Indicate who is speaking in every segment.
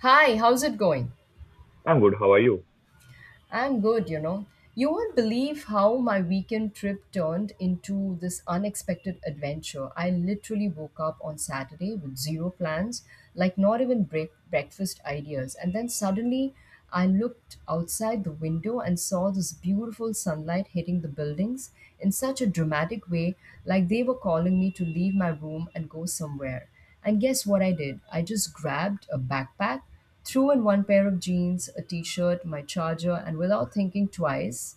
Speaker 1: Hi, how's it going?
Speaker 2: I'm good. How are you?
Speaker 1: I'm good, you know. You won't believe how my weekend trip turned into this unexpected adventure. I literally woke up on Saturday with zero plans, like not even breakfast ideas. And then suddenly I looked outside the window and saw this beautiful sunlight hitting the buildings in such a dramatic way, like they were calling me to leave my room and go somewhere. And guess what I did? I just grabbed a backpack, threw in one pair of jeans, a t shirt, my charger, and without thinking twice,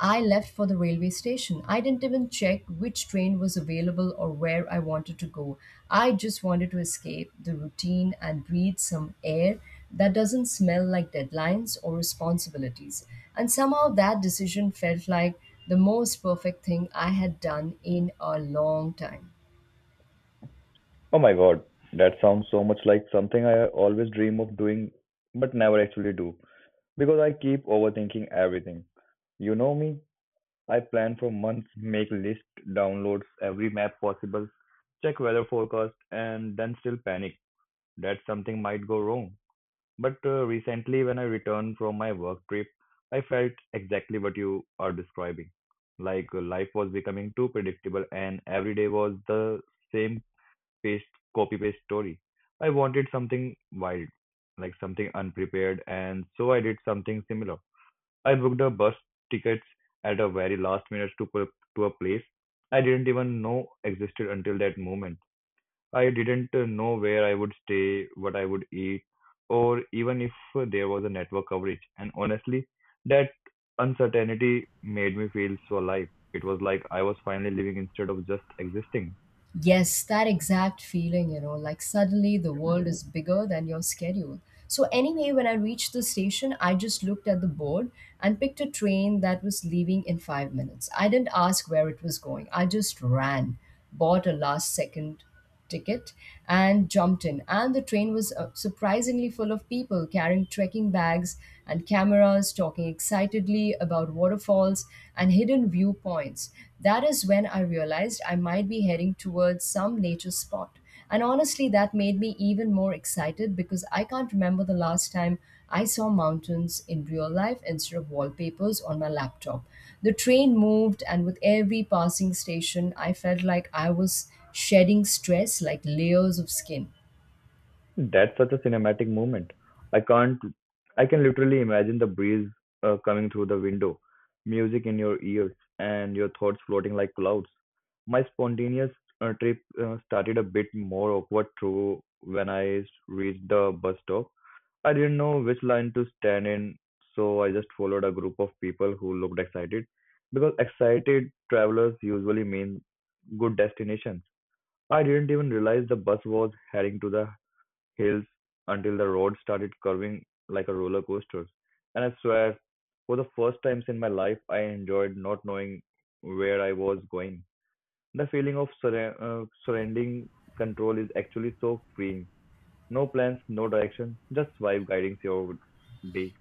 Speaker 1: I left for the railway station. I didn't even check which train was available or where I wanted to go. I just wanted to escape the routine and breathe some air that doesn't smell like deadlines or responsibilities. And somehow that decision felt like the most perfect thing I had done in a long time.
Speaker 2: Oh my God, that sounds so much like something I always dream of doing but never actually do because I keep overthinking everything. You know me, I plan for months, make lists, downloads every map possible, check weather forecast, and then still panic that something might go wrong. But recently, when I returned from my work trip, I felt exactly what you are describing. Like life was becoming too predictable, and every day was the same paste copy paste story. I wanted something wild, like something unprepared, and so I did something similar. I booked a bus tickets at a very last minute to a place I didn't even know existed until that moment. I didn't know where I would stay, what I would eat, or even if there was a network coverage. And honestly, that uncertainty made me feel so alive. It was like I was finally living instead of just existing.
Speaker 1: Yes, that exact feeling, you know, like suddenly the world is bigger than your schedule. So, anyway, when I reached the station, I just looked at the board and picked a train that was leaving in 5 minutes. I didn't ask where it was going, I just ran, bought a last second ticket and jumped in. And the train was surprisingly full of people carrying trekking bags and cameras, talking excitedly about waterfalls and hidden viewpoints. That is when I realized I might be heading towards some nature spot. And honestly, that made me even more excited because I can't remember the last time I saw mountains in real life instead of wallpapers on my laptop. The train moved, and with every passing station, I felt like I was shedding stress like layers of skin.
Speaker 2: That's such a cinematic moment. I can't, I can literally imagine the breeze coming through the window, music in your ears, and your thoughts floating like clouds. My spontaneous trip started a bit more awkward through when reached the bus stop. I didn't know which line to stand in, so I just followed a group of people who looked excited because excited travelers usually mean good destinations. I didn't even realize the bus was heading to the hills until the road started curving like a roller coaster. And I swear, for the first times in my life, I enjoyed not knowing where I was going. The feeling of surrendering control is actually so freeing. No plans, no direction, just vibe guiding your day.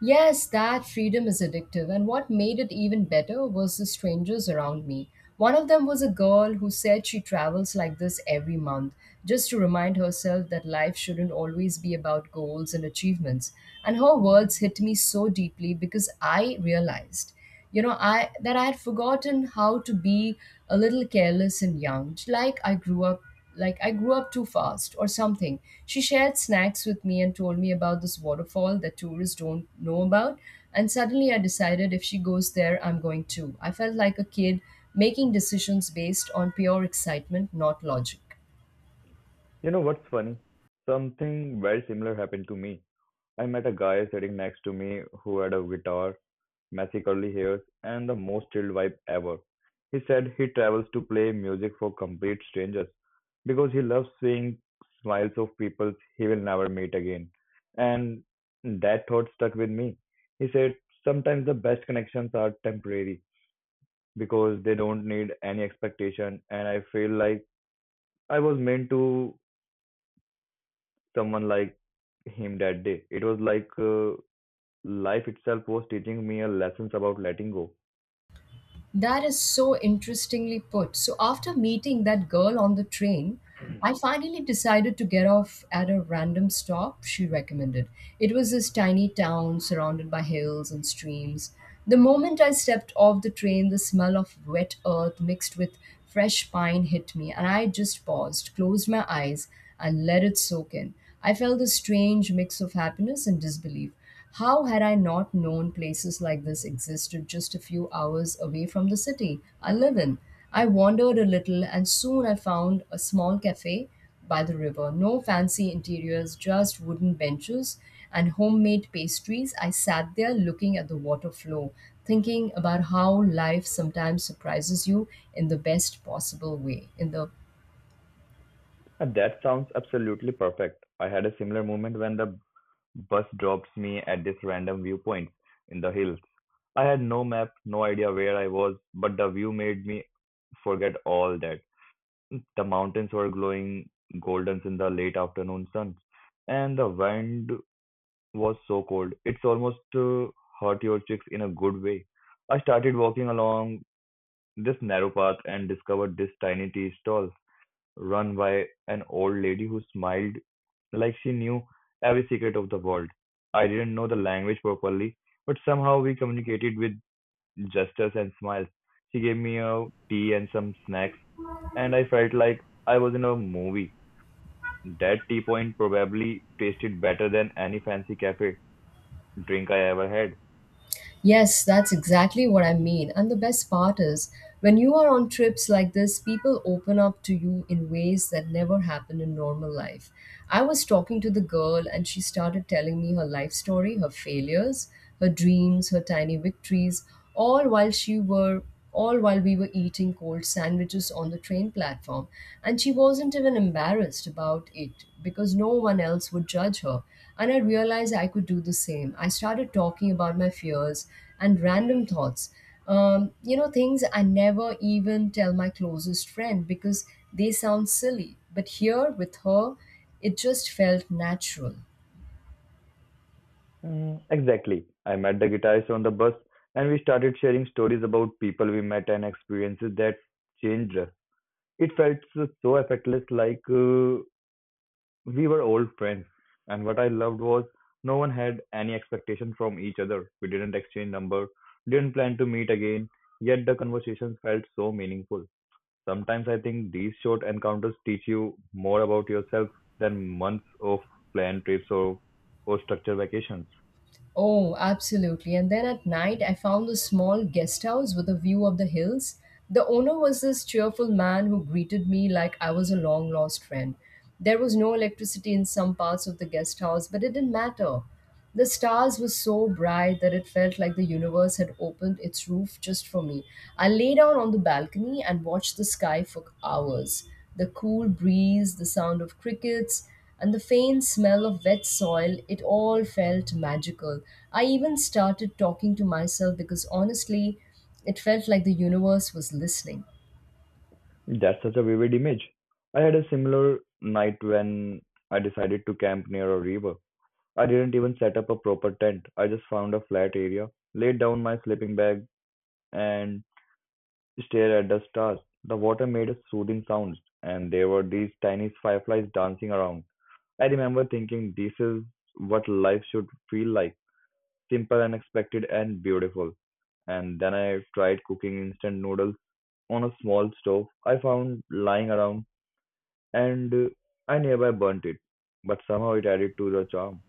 Speaker 1: Yes, that freedom is addictive, and what made it even better was the strangers around me. One of them was a girl who said she travels like this every month, just to remind herself that life shouldn't always be about goals and achievements. And her words hit me so deeply because I realized, you know, I that I had forgotten how to be a little careless and young, like I grew up too fast or something. She shared snacks with me and told me about this waterfall that tourists don't know about. And suddenly I decided if she goes there, I'm going too. I felt like a kid making decisions based on pure excitement, not logic.
Speaker 2: You know what's funny? Something very similar happened to me. I met a guy sitting next to me who had a guitar messy curly hairs, and the most chilled vibe ever. He said he travels to play music for complete strangers because he loves seeing smiles of people he will never meet again. And that thought stuck with me. He said, sometimes the best connections are temporary because they don't need any expectation. And I feel like I was meant to someone like him that day. It was like life itself was teaching me a lessons about letting go.
Speaker 1: That is so interestingly put. So, after meeting that girl on the train, I finally decided to get off at a random stop she recommended. It was this tiny town surrounded by hills and streams. The moment I stepped off the train, the smell of wet earth mixed with fresh pine hit me, and I just paused, closed my eyes, and let it soak in. I felt a strange mix of happiness and disbelief. How had I not known places like this existed just a few hours away from the city I live in? I wandered a little and soon I found a small cafe by the river. No fancy interiors, just wooden benches and homemade pastries. I sat there looking at the water flow, thinking about how life sometimes surprises you in the best possible way, in the
Speaker 2: And that sounds absolutely perfect. I had a similar moment when the bus dropped me at this random viewpoint in the hills. I had no map, no idea where I was, but the view made me forget all that. The mountains were glowing goldens in the late afternoon sun, and the wind was so cold. It's almost hurt your cheeks in a good way. I started walking along this narrow path and discovered this tiny tea stall run by an old lady who smiled like she knew every secret of the world. I didn't know the language properly, but somehow we communicated with gestures and smiles. She gave me a tea and some snacks, and I felt like I was in a movie. That tea point probably tasted better than any fancy cafe drink I ever had.
Speaker 1: Yes, that's exactly what I mean. And the best part is, when you are on trips like this, people open up to you in ways that never happen in normal life. I was talking to the girl, and she started telling me her life story, her failures, her dreams, her tiny victories, all while she were all while we were eating cold sandwiches on the train platform. And she wasn't even embarrassed about it because no one else would judge her. And I realized I could do the same. I started talking about my fears and random thoughts. You know, things I never even tell my closest friend because they sound silly. But here with her, it just felt natural.
Speaker 2: Mm, exactly. I met the guitarist on the bus, and we started sharing stories about people we met and experiences that changed us. It felt so, so effortless, like we were old friends, and what I loved was no one had any expectation from each other. We didn't exchange number, didn't plan to meet again, yet the conversations felt so meaningful. Sometimes I think these short encounters teach you more about yourself than months of planned trips or structured vacations.
Speaker 1: Oh, absolutely. And then at night, I found a small guest house with a view of the hills. The owner was this cheerful man who greeted me like I was a long lost friend. There was no electricity in some parts of the guest house, but it didn't matter. The stars were so bright that it felt like the universe had opened its roof just for me. I lay down on the balcony and watched the sky for hours. The cool breeze, the sound of crickets, and the faint smell of wet soil, it all felt magical. I even started talking to myself because honestly, it felt like the universe was listening.
Speaker 2: That's such a vivid image. I had a similar night when I decided to camp near a river. I didn't even set up a proper tent. I just found a flat area, laid down my sleeping bag, and stare at the stars. The water made a soothing sound, and there were these tiny fireflies dancing around. I remember thinking this is what life should feel like simple, unexpected, and beautiful. And then I tried cooking instant noodles on a small stove I found lying around, and I nearby burnt it, but somehow it added to the charm.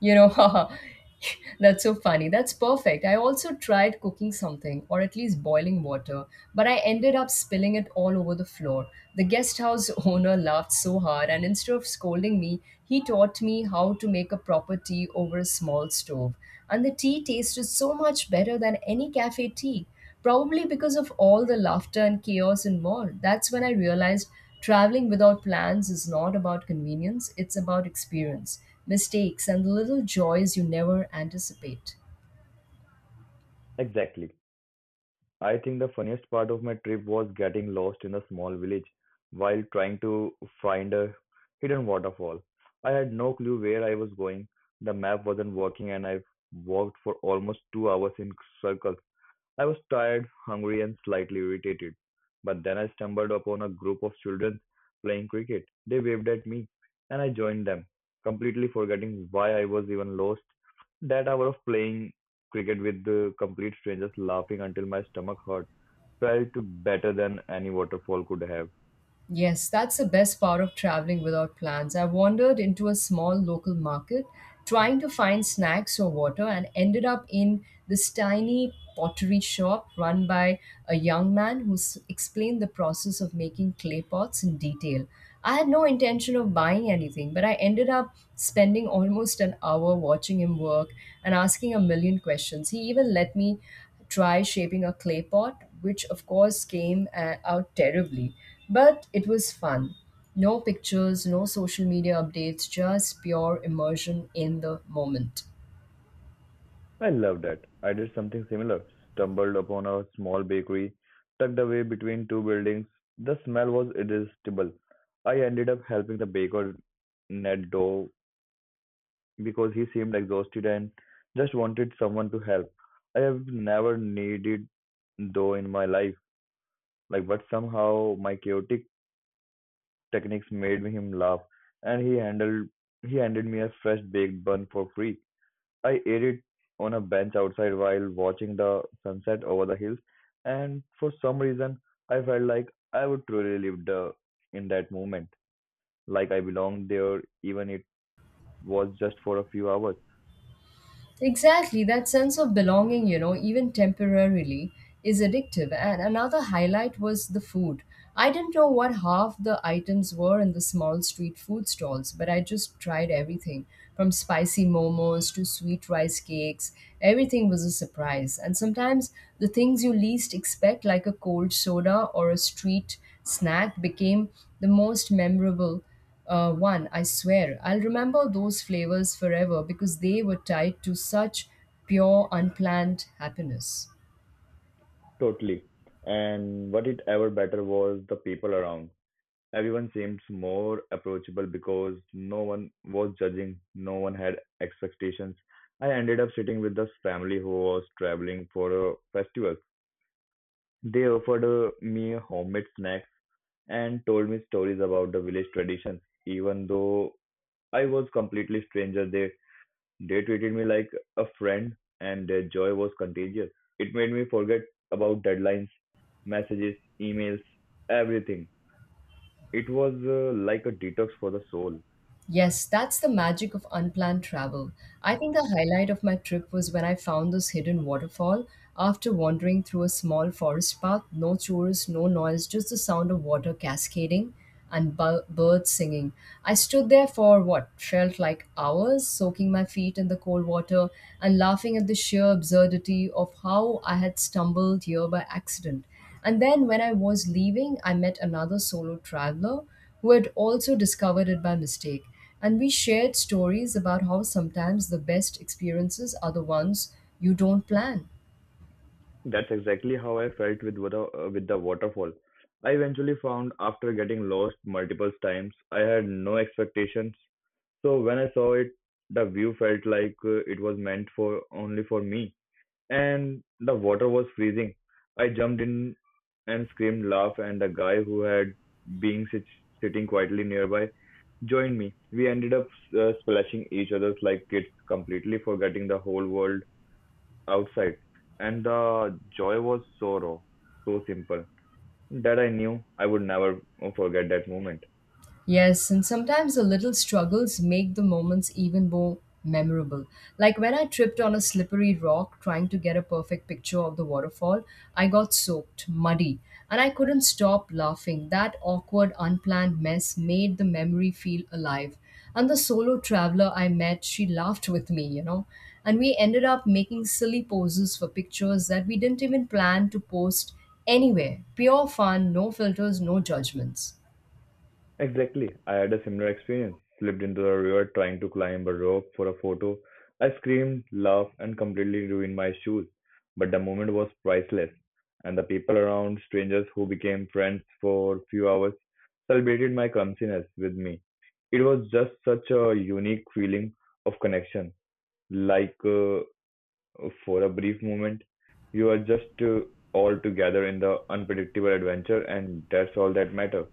Speaker 1: You know, that's so funny. That's perfect. I also tried cooking something, or at least boiling water, but I ended up spilling it all over the floor. The guest house owner laughed so hard, and instead of scolding me, he taught me how to make a proper tea over a small stove. And the tea tasted so much better than any cafe tea, probably because of all the laughter and chaos involved. That's when I realized traveling without plans is not about convenience, it's about experience, mistakes, and the little joys you never anticipate.
Speaker 2: Exactly. I think the funniest part of my trip was getting lost in a small village while trying to find a hidden waterfall. I had no clue where I was going. The map wasn't working and I walked for almost 2 hours in circles. I was tired, hungry, and slightly irritated. But then I stumbled upon a group of children playing cricket. They waved at me, and I joined them, completely forgetting why I was even lost. That hour of playing cricket with the complete strangers, laughing until my stomach hurt, felt better than any waterfall could have.
Speaker 1: Yes, that's the best part of traveling without plans. I wandered into a small local market trying to find snacks or water and ended up in this tiny pottery shop run by a young man who explained the process of making clay pots in detail. I had no intention of buying anything, but I ended up spending almost an hour watching him work and asking a million questions. He even let me try shaping a clay pot, which of course came out terribly, but it was fun. No pictures, no social media updates, just pure immersion in the moment.
Speaker 2: I love that. I did something similar. Stumbled upon a small bakery tucked away between two buildings. The smell was irresistible. I ended up helping the baker knead dough because he seemed exhausted and just wanted someone to help. I have never needed dough in my life, like but somehow my chaotic techniques made him laugh, and he handed me a fresh baked bun for free. I ate it on a bench outside while watching the sunset over the hills, and for some reason, I felt like I would truly live in that moment, like I belonged there, even it was just for a few hours.
Speaker 1: Exactly, that sense of belonging, you know, even temporarily, is addictive. And another highlight was the food. I didn't know what half the items were in the small street food stalls, but I just tried everything from spicy momos to sweet rice cakes. Everything was a surprise. And sometimes the things you least expect, like a cold soda or a street snack, became the most memorable one, I swear. I'll remember those flavors forever because they were tied to such pure, unplanned happiness.
Speaker 2: Totally. And what it ever better was the people around. Everyone seemed more approachable because no one was judging, no one had expectations. I ended up sitting with this family who was traveling for a festival. They offered me homemade snacks and told me stories about the village traditions. Even though I was completely stranger, they treated me like a friend, and their joy was contagious. It made me forget about deadlines, messages, emails, everything. It was like a detox for the soul.
Speaker 1: Yes, that's the magic of unplanned travel. I think the highlight of my trip was when I found this hidden waterfall after wandering through a small forest path, no tourists, no noise, just the sound of water cascading and birds singing. I stood there for what felt like hours, soaking my feet in the cold water and laughing at the sheer absurdity of how I had stumbled here by accident. And then when I was leaving, I met another solo traveler who had also discovered it by mistake. And we shared stories about how sometimes the best experiences are the ones you don't plan.
Speaker 2: That's exactly how I felt with water, with the waterfall. I eventually found after getting lost multiple times, I had no expectations. So when I saw it, the view felt like it was meant for only for me. And the water was freezing. I jumped in and screamed laugh and the guy who had been sitting quietly nearby joined me. We ended up splashing each other's like kids, completely forgetting the whole world outside. And the joy was so raw, so simple that I knew I would never forget that moment.
Speaker 1: Yes, and sometimes the little struggles make the moments even more memorable. Like when I tripped on a slippery rock trying to get a perfect picture of the waterfall, I got soaked, muddy, and I couldn't stop laughing. That awkward, unplanned mess made the memory feel alive. And the solo traveler I met, she laughed with me, you know. And we ended up making silly poses for pictures that we didn't even plan to post anywhere. Pure fun, no filters, no judgments.
Speaker 2: Exactly. I had a similar experience. Slipped into a river trying to climb a rope for a photo. I screamed, laughed, and completely ruined my shoes. But the moment was priceless, and the people around, strangers who became friends for few hours, celebrated my clumsiness with me. It was just such a unique feeling of connection. Like for a brief moment, you are just all together in the unpredictable adventure, and that's all that matters.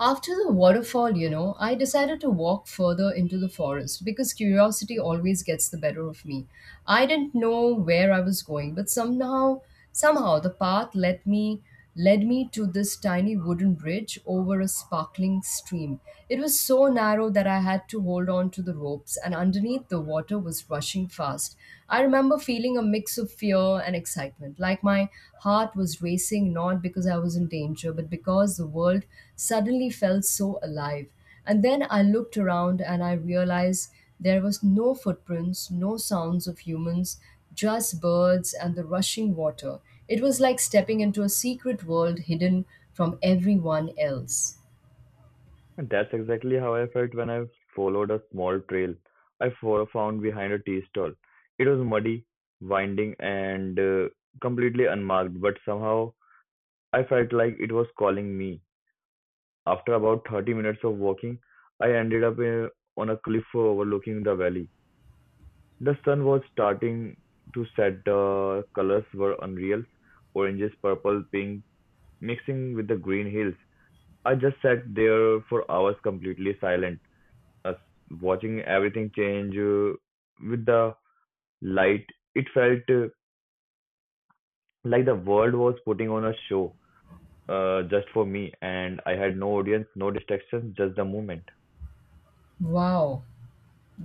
Speaker 1: After the waterfall, you know, I decided to walk further into the forest because curiosity always gets the better of me. I didn't know where I was going, but somehow the path led me to this tiny wooden bridge over a sparkling stream. It was so narrow that I had to hold on to the ropes and underneath the water was rushing fast. I remember remember feeling a mix of fear and excitement, like my heart was racing not because I was in danger, but because the world suddenly felt so alive. And then I looked around and I realized there was no footprints, no sounds of humans, just birds and the rushing water. It was like stepping into a secret world hidden from everyone else.
Speaker 2: And that's exactly how I felt when I followed a small trail I found behind a tea stall. It was muddy, winding, and completely unmarked, but somehow I felt like it was calling me. After about 30 minutes of walking, I ended up on a cliff overlooking the valley. The sun was starting to set, the colors were unreal oranges, purple, pink, mixing with the green hills. I just sat there for hours completely silent us watching everything change with the light. It felt like the world was putting on a show just for me, and I had no audience, no distractions, just the movement.
Speaker 1: Wow,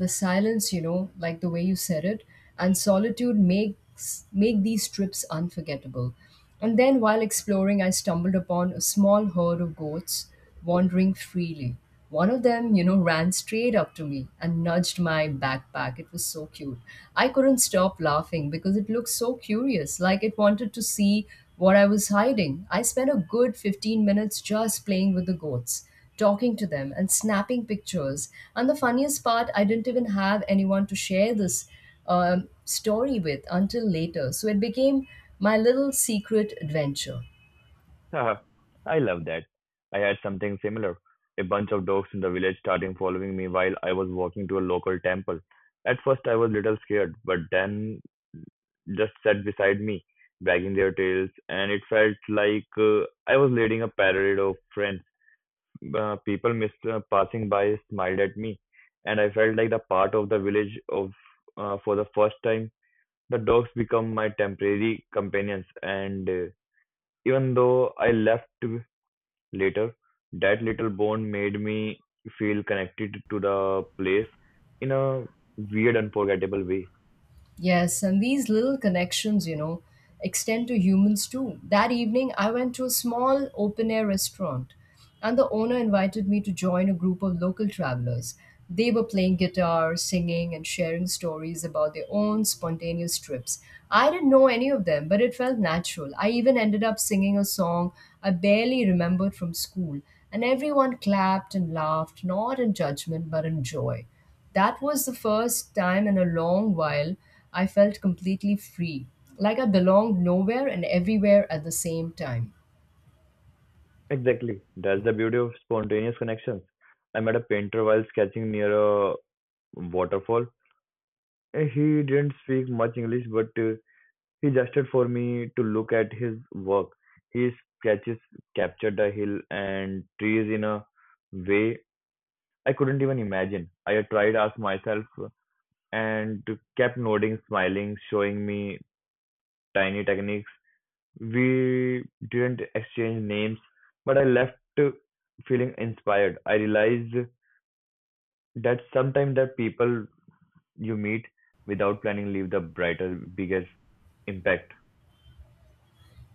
Speaker 1: the silence, you know, like the way you said it, and solitude makes make these trips unforgettable. And then while exploring, I stumbled upon a small herd of goats wandering freely. One of them, you know, ran straight up to me and nudged my backpack. It was so cute, I couldn't stop laughing because it looked so curious, like it wanted to see what I was hiding. I spent a good 15 minutes just playing with the goats, talking to them and snapping pictures. And the funniest part, I didn't even have anyone to share this story with until later. So it became my little secret adventure.
Speaker 2: Haha, I love that. I had something similar. A bunch of dogs in the village starting following me while I was walking to a local temple. At first, I was little scared, but then just sat beside me, wagging their tails, and it felt like I was leading a parade of friends. People passing by smiled at me, and I felt like the part of the village of for the first time. The dogs become my temporary companions, and even though I left later, that little bond made me feel connected to the place in a weird, unforgettable way.
Speaker 1: Yes, and these little connections, you know, extend to humans too. That evening, I went to a small open air restaurant, and the owner invited me to join a group of local travelers. They were playing guitar, singing, and sharing stories about their own spontaneous trips. I didn't know any of them, but it felt natural. I even ended up singing a song I barely remembered from school, and everyone clapped and laughed, not in judgment, but in joy. That was the first time in a long while I felt completely free, like I belonged nowhere and everywhere at the same time.
Speaker 2: Exactly, that's the beauty of spontaneous connections. I met a painter while sketching near a waterfall. He didn't speak much English, but he gestured for me to look at his work. His sketches captured the hill and trees in a way I couldn't even imagine. I tried to ask myself and kept nodding, smiling, showing me tiny techniques. We didn't exchange names, but I left feeling inspired. I realized that sometimes the people you meet without planning leave the brightest, biggest impact.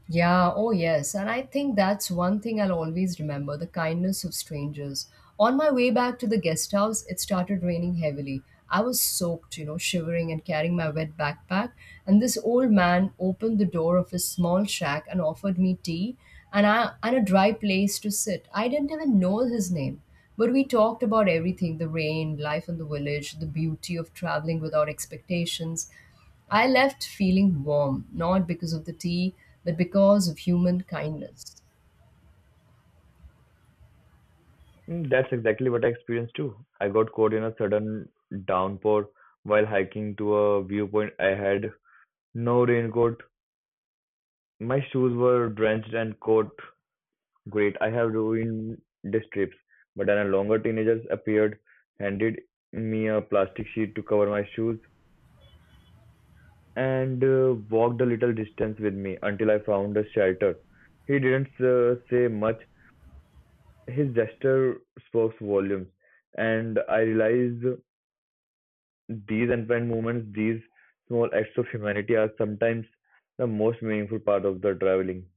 Speaker 1: Yeah, oh yes. And I think that's one thing I'll always remember, the kindness of strangers. On my way back to the guest house, it started raining heavily. I was soaked, you know, shivering and carrying my wet backpack. And this old man opened the door of his small shack and offered me tea and a dry place to sit. I didn't even know his name. But we talked about everything, the rain, life in the village, the beauty of traveling without expectations. I left feeling warm, not because of the tea, but because of human kindness.
Speaker 2: Mm, that's exactly what I experienced too. I got caught in a sudden downpour while hiking to a viewpoint. I had no raincoat. My shoes were drenched and caught. Great, I have ruined this trip. But then a longer teenager appeared, handed me a plastic sheet to cover my shoes, and walked a little distance with me until I found a shelter. He didn't say much. His gesture spoke volumes, and I realized these unplanned moments, these small acts of humanity are sometimes the most meaningful part of the traveling.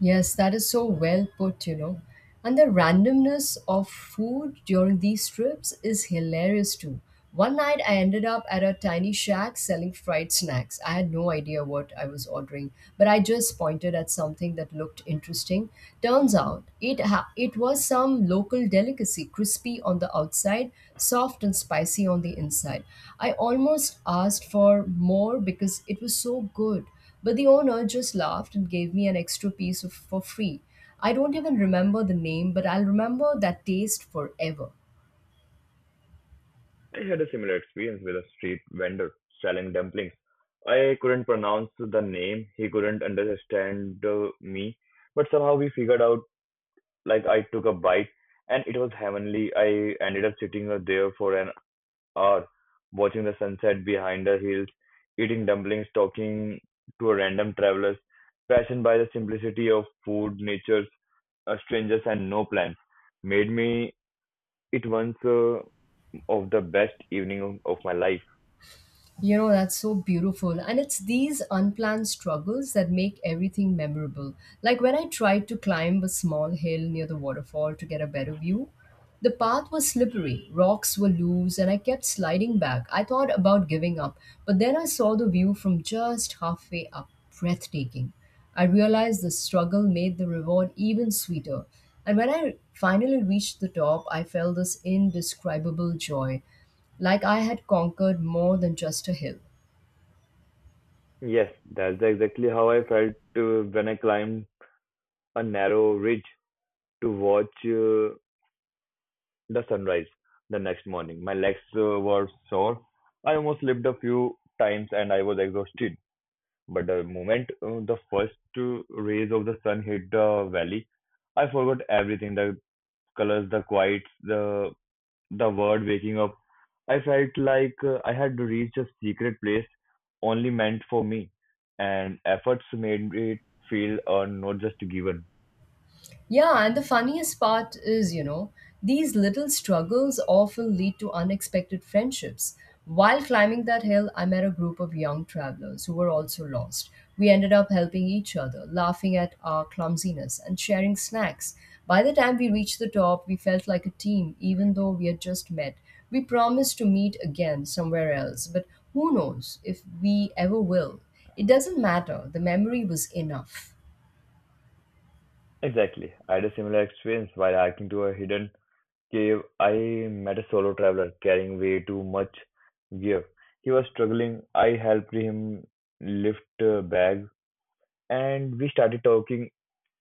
Speaker 1: Yes, that is so well put, you know. And the randomness of food during these trips is hilarious too. One night I ended up at a tiny shack selling fried snacks. I had no idea what I was ordering, but I just pointed at something that looked interesting. Turns out it was some local delicacy, crispy on the outside, soft and spicy on the inside. I almost asked for more because it was so good. But the owner just laughed and gave me an extra piece of, for free. I don't even remember the name, but I'll remember that taste forever.
Speaker 2: I had a similar experience with a street vendor selling dumplings. I couldn't pronounce the name, he couldn't understand me, but somehow we figured out, like I took a bite and it was heavenly. I ended up sitting there for an hour, watching the sunset behind the hills, eating dumplings, talking to a random traveler, passion by the simplicity of food, nature's strangers, and no plans, made me it once of the best evening of my life.
Speaker 1: You know, that's so beautiful. And it's these unplanned struggles that make everything memorable. Like when I tried to climb a small hill near the waterfall to get a better view, the path was slippery, rocks were loose, and I kept sliding back. I thought about giving up, but then I saw the view from just halfway up, breathtaking. I realized the struggle made the reward even sweeter. And when I finally reached the top, I felt this indescribable joy, like I had conquered more than just a hill.
Speaker 2: Yes, that's exactly how I felt when I climbed a narrow ridge to watch the sunrise the next morning. My legs were sore. I almost slipped a few times and I was exhausted. But the moment the first rays of the sun hit the valley, I forgot everything, the colors, the quiet, the word waking up. I felt like I had reached a secret place only meant for me, and efforts made it feel not just given.
Speaker 1: Yeah, and the funniest part is, you know, these little struggles often lead to unexpected friendships. While climbing that hill, I met a group of young travelers who were also lost. We ended up helping each other, laughing at our clumsiness, and sharing snacks. By the time we reached the top, we felt like a team, even though we had just met. We promised to meet again somewhere else, but who knows if we ever will. It doesn't matter, the memory was enough.
Speaker 2: Exactly. I had a similar experience while hiking to a hidden cave. I met a solo traveler carrying way too much gear. He was struggling. I helped him lift a bag, and we started talking.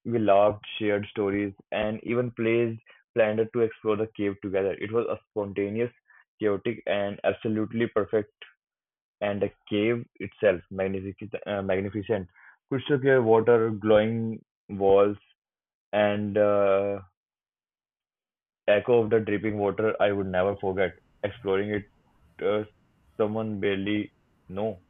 Speaker 2: We laughed, shared stories, and even plays planned to explore the cave together. It was a spontaneous, chaotic, and absolutely perfect. And the cave itself, magnificent, magnificent crystal clear water, glowing walls, and echo of the dripping water. I would never forget exploring it. Uh, someone barely know.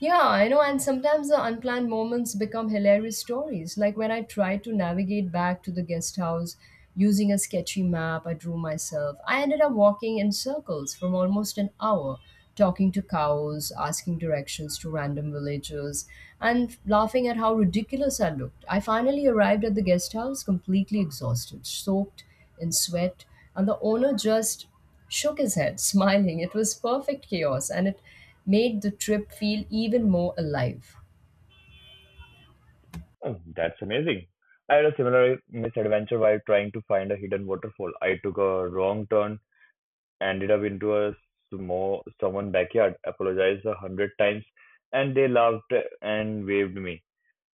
Speaker 1: Yeah, I know, and sometimes the unplanned moments become hilarious stories. Like when I tried to navigate back to the guest house using a sketchy map I drew myself, I ended up walking in circles for almost an hour, talking to cows, asking directions to random villagers, and laughing at how ridiculous I looked. I finally arrived at the guest house completely exhausted, soaked in sweat, and the owner just shook his head, smiling. It was perfect chaos, and it made the trip feel even more alive.
Speaker 2: Oh, that's amazing. I had a similar misadventure while trying to find a hidden waterfall. I took a wrong turn, ended up into a small someone backyard, apologized a hundred times, and they laughed and waved me.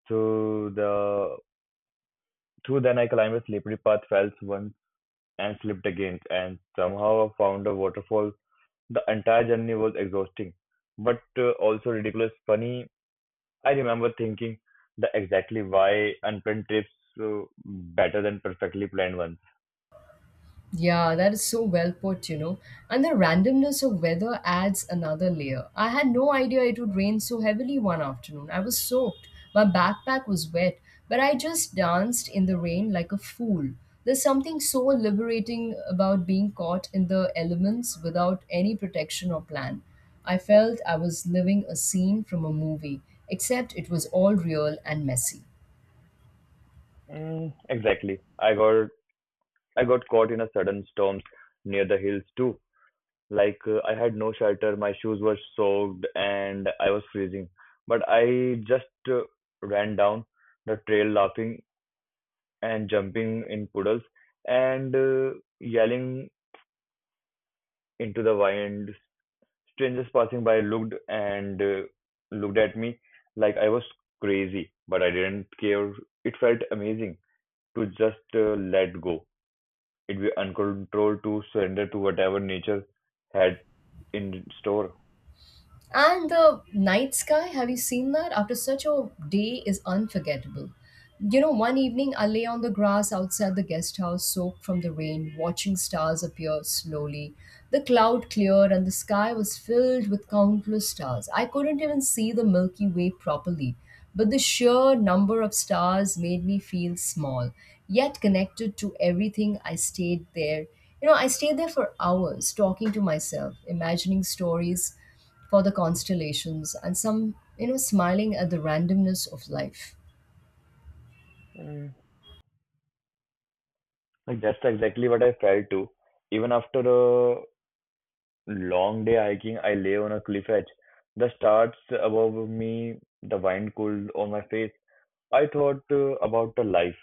Speaker 2: Through the through then I climbed a slippery path, fell once and slipped again, and somehow found a waterfall. The entire journey was exhausting, but also ridiculous, funny, I remember thinking the exactly why unplanned trips better than perfectly planned ones.
Speaker 1: Yeah, that is so well put, you know. And the randomness of weather adds another layer. I had no idea it would rain so heavily one afternoon. I was soaked. My backpack was wet, but I just danced in the rain like a fool. There's something so liberating about being caught in the elements without any protection or plan. I felt I was living a scene from a movie, except it was all real and messy.
Speaker 2: Mm, exactly. I got caught in a sudden storm near the hills too. Like I had no shelter, my shoes were soaked, and I was freezing. But I just uh, ran down the trail, laughing and jumping in puddles and yelling into the wind. Strangers passing by looked and looked at me like I was crazy, but I didn't care. It felt amazing to just let go. It be uncontrolled to surrender to whatever nature had in store.
Speaker 1: And the night sky, have you seen that? After such a day is unforgettable. You know, one evening I lay on the grass outside the guest house, soaked from the rain, watching stars appear slowly. The cloud cleared and the sky was filled with countless stars. I couldn't even see the Milky Way properly, but the sheer number of stars made me feel small, yet connected to everything. I stayed there. You know, I stayed there for hours, talking to myself, imagining stories for the constellations, and some, you know, smiling at the randomness of life.
Speaker 2: Mm. Like that's exactly what I felt too. Even after a long day hiking, I lay on a cliff edge. The stars above me, the wind cooled on my face. I thought about the life,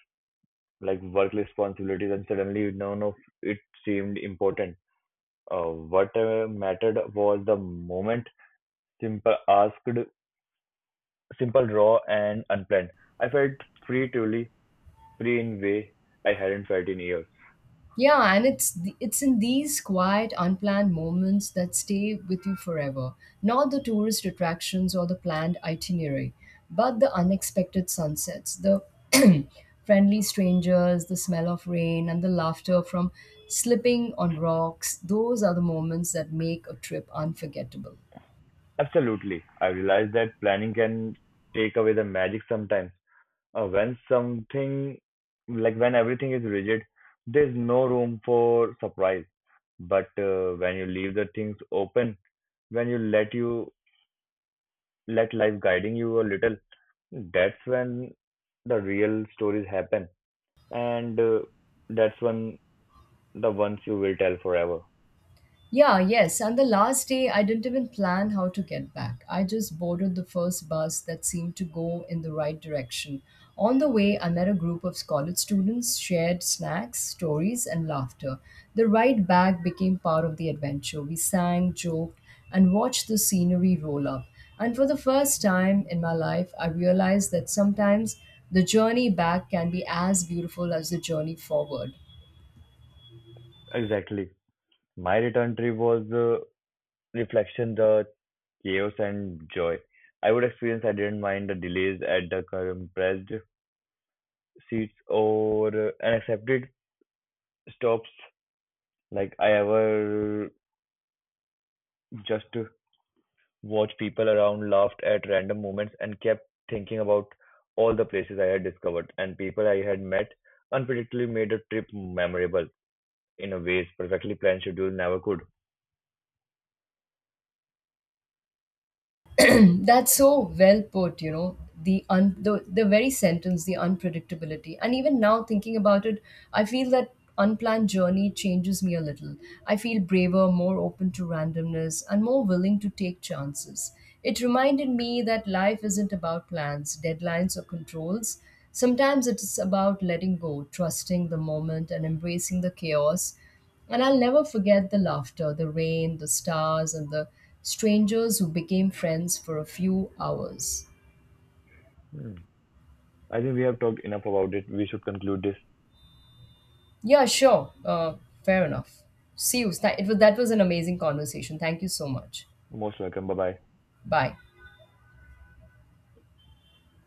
Speaker 2: like work responsibilities, and suddenly none of it seemed important. What mattered was the moment, simple asked, simple, raw, and unplanned. I felt free, truly, free in way I hadn't felt in years.
Speaker 1: Yeah, and it's in these quiet unplanned moments that stay with you forever, not the tourist attractions or the planned itinerary, but the unexpected sunsets, the friendly strangers, the smell of rain, and the laughter from slipping on rocks. Those are the moments that make a trip unforgettable.
Speaker 2: Absolutely. I realized that planning can take away the magic sometimes. When something, like when everything is rigid, there's no room for surprise. But when you leave the things open, when you let life guiding you a little, that's when the real stories happen, and that's when the ones you will tell forever.
Speaker 1: Yeah, yes. And the last day, I didn't even plan how to get back. I just boarded the first bus that seemed to go in the right direction. On the way, I met a group of college students, shared snacks, stories, and laughter. The ride back became part of the adventure. We sang, joked, and watched the scenery roll up. And for the first time in my life, I realized that sometimes the journey back can be as beautiful as the journey forward.
Speaker 2: Exactly. My return trip was reflection the chaos and joy. I would experience I didn't mind the delays at the compressed seats or unaccepted stops like I ever just watched people around, laughed at random moments, and kept thinking about all the places I had discovered and people I had met. Unpredictably made the trip memorable in a ways perfectly planned schedule never could.
Speaker 1: That's so well put, you know, the, the very sentence, the unpredictability. And even now thinking about it, I feel that unplanned journey changes me a little. I feel braver, more open to randomness, and more willing to take chances. It reminded me that life isn't about plans, deadlines, or controls. Sometimes it's about letting go, trusting the moment, and embracing the chaos. And I'll never forget the laughter, the rain, the stars, and the strangers who became friends for a few hours.
Speaker 2: Hmm. I think we have talked enough about it. We should conclude this.
Speaker 1: Yeah, sure. Fair enough. See you. That was an amazing conversation. Thank you so much.
Speaker 2: Most welcome. Bye bye.
Speaker 1: Bye.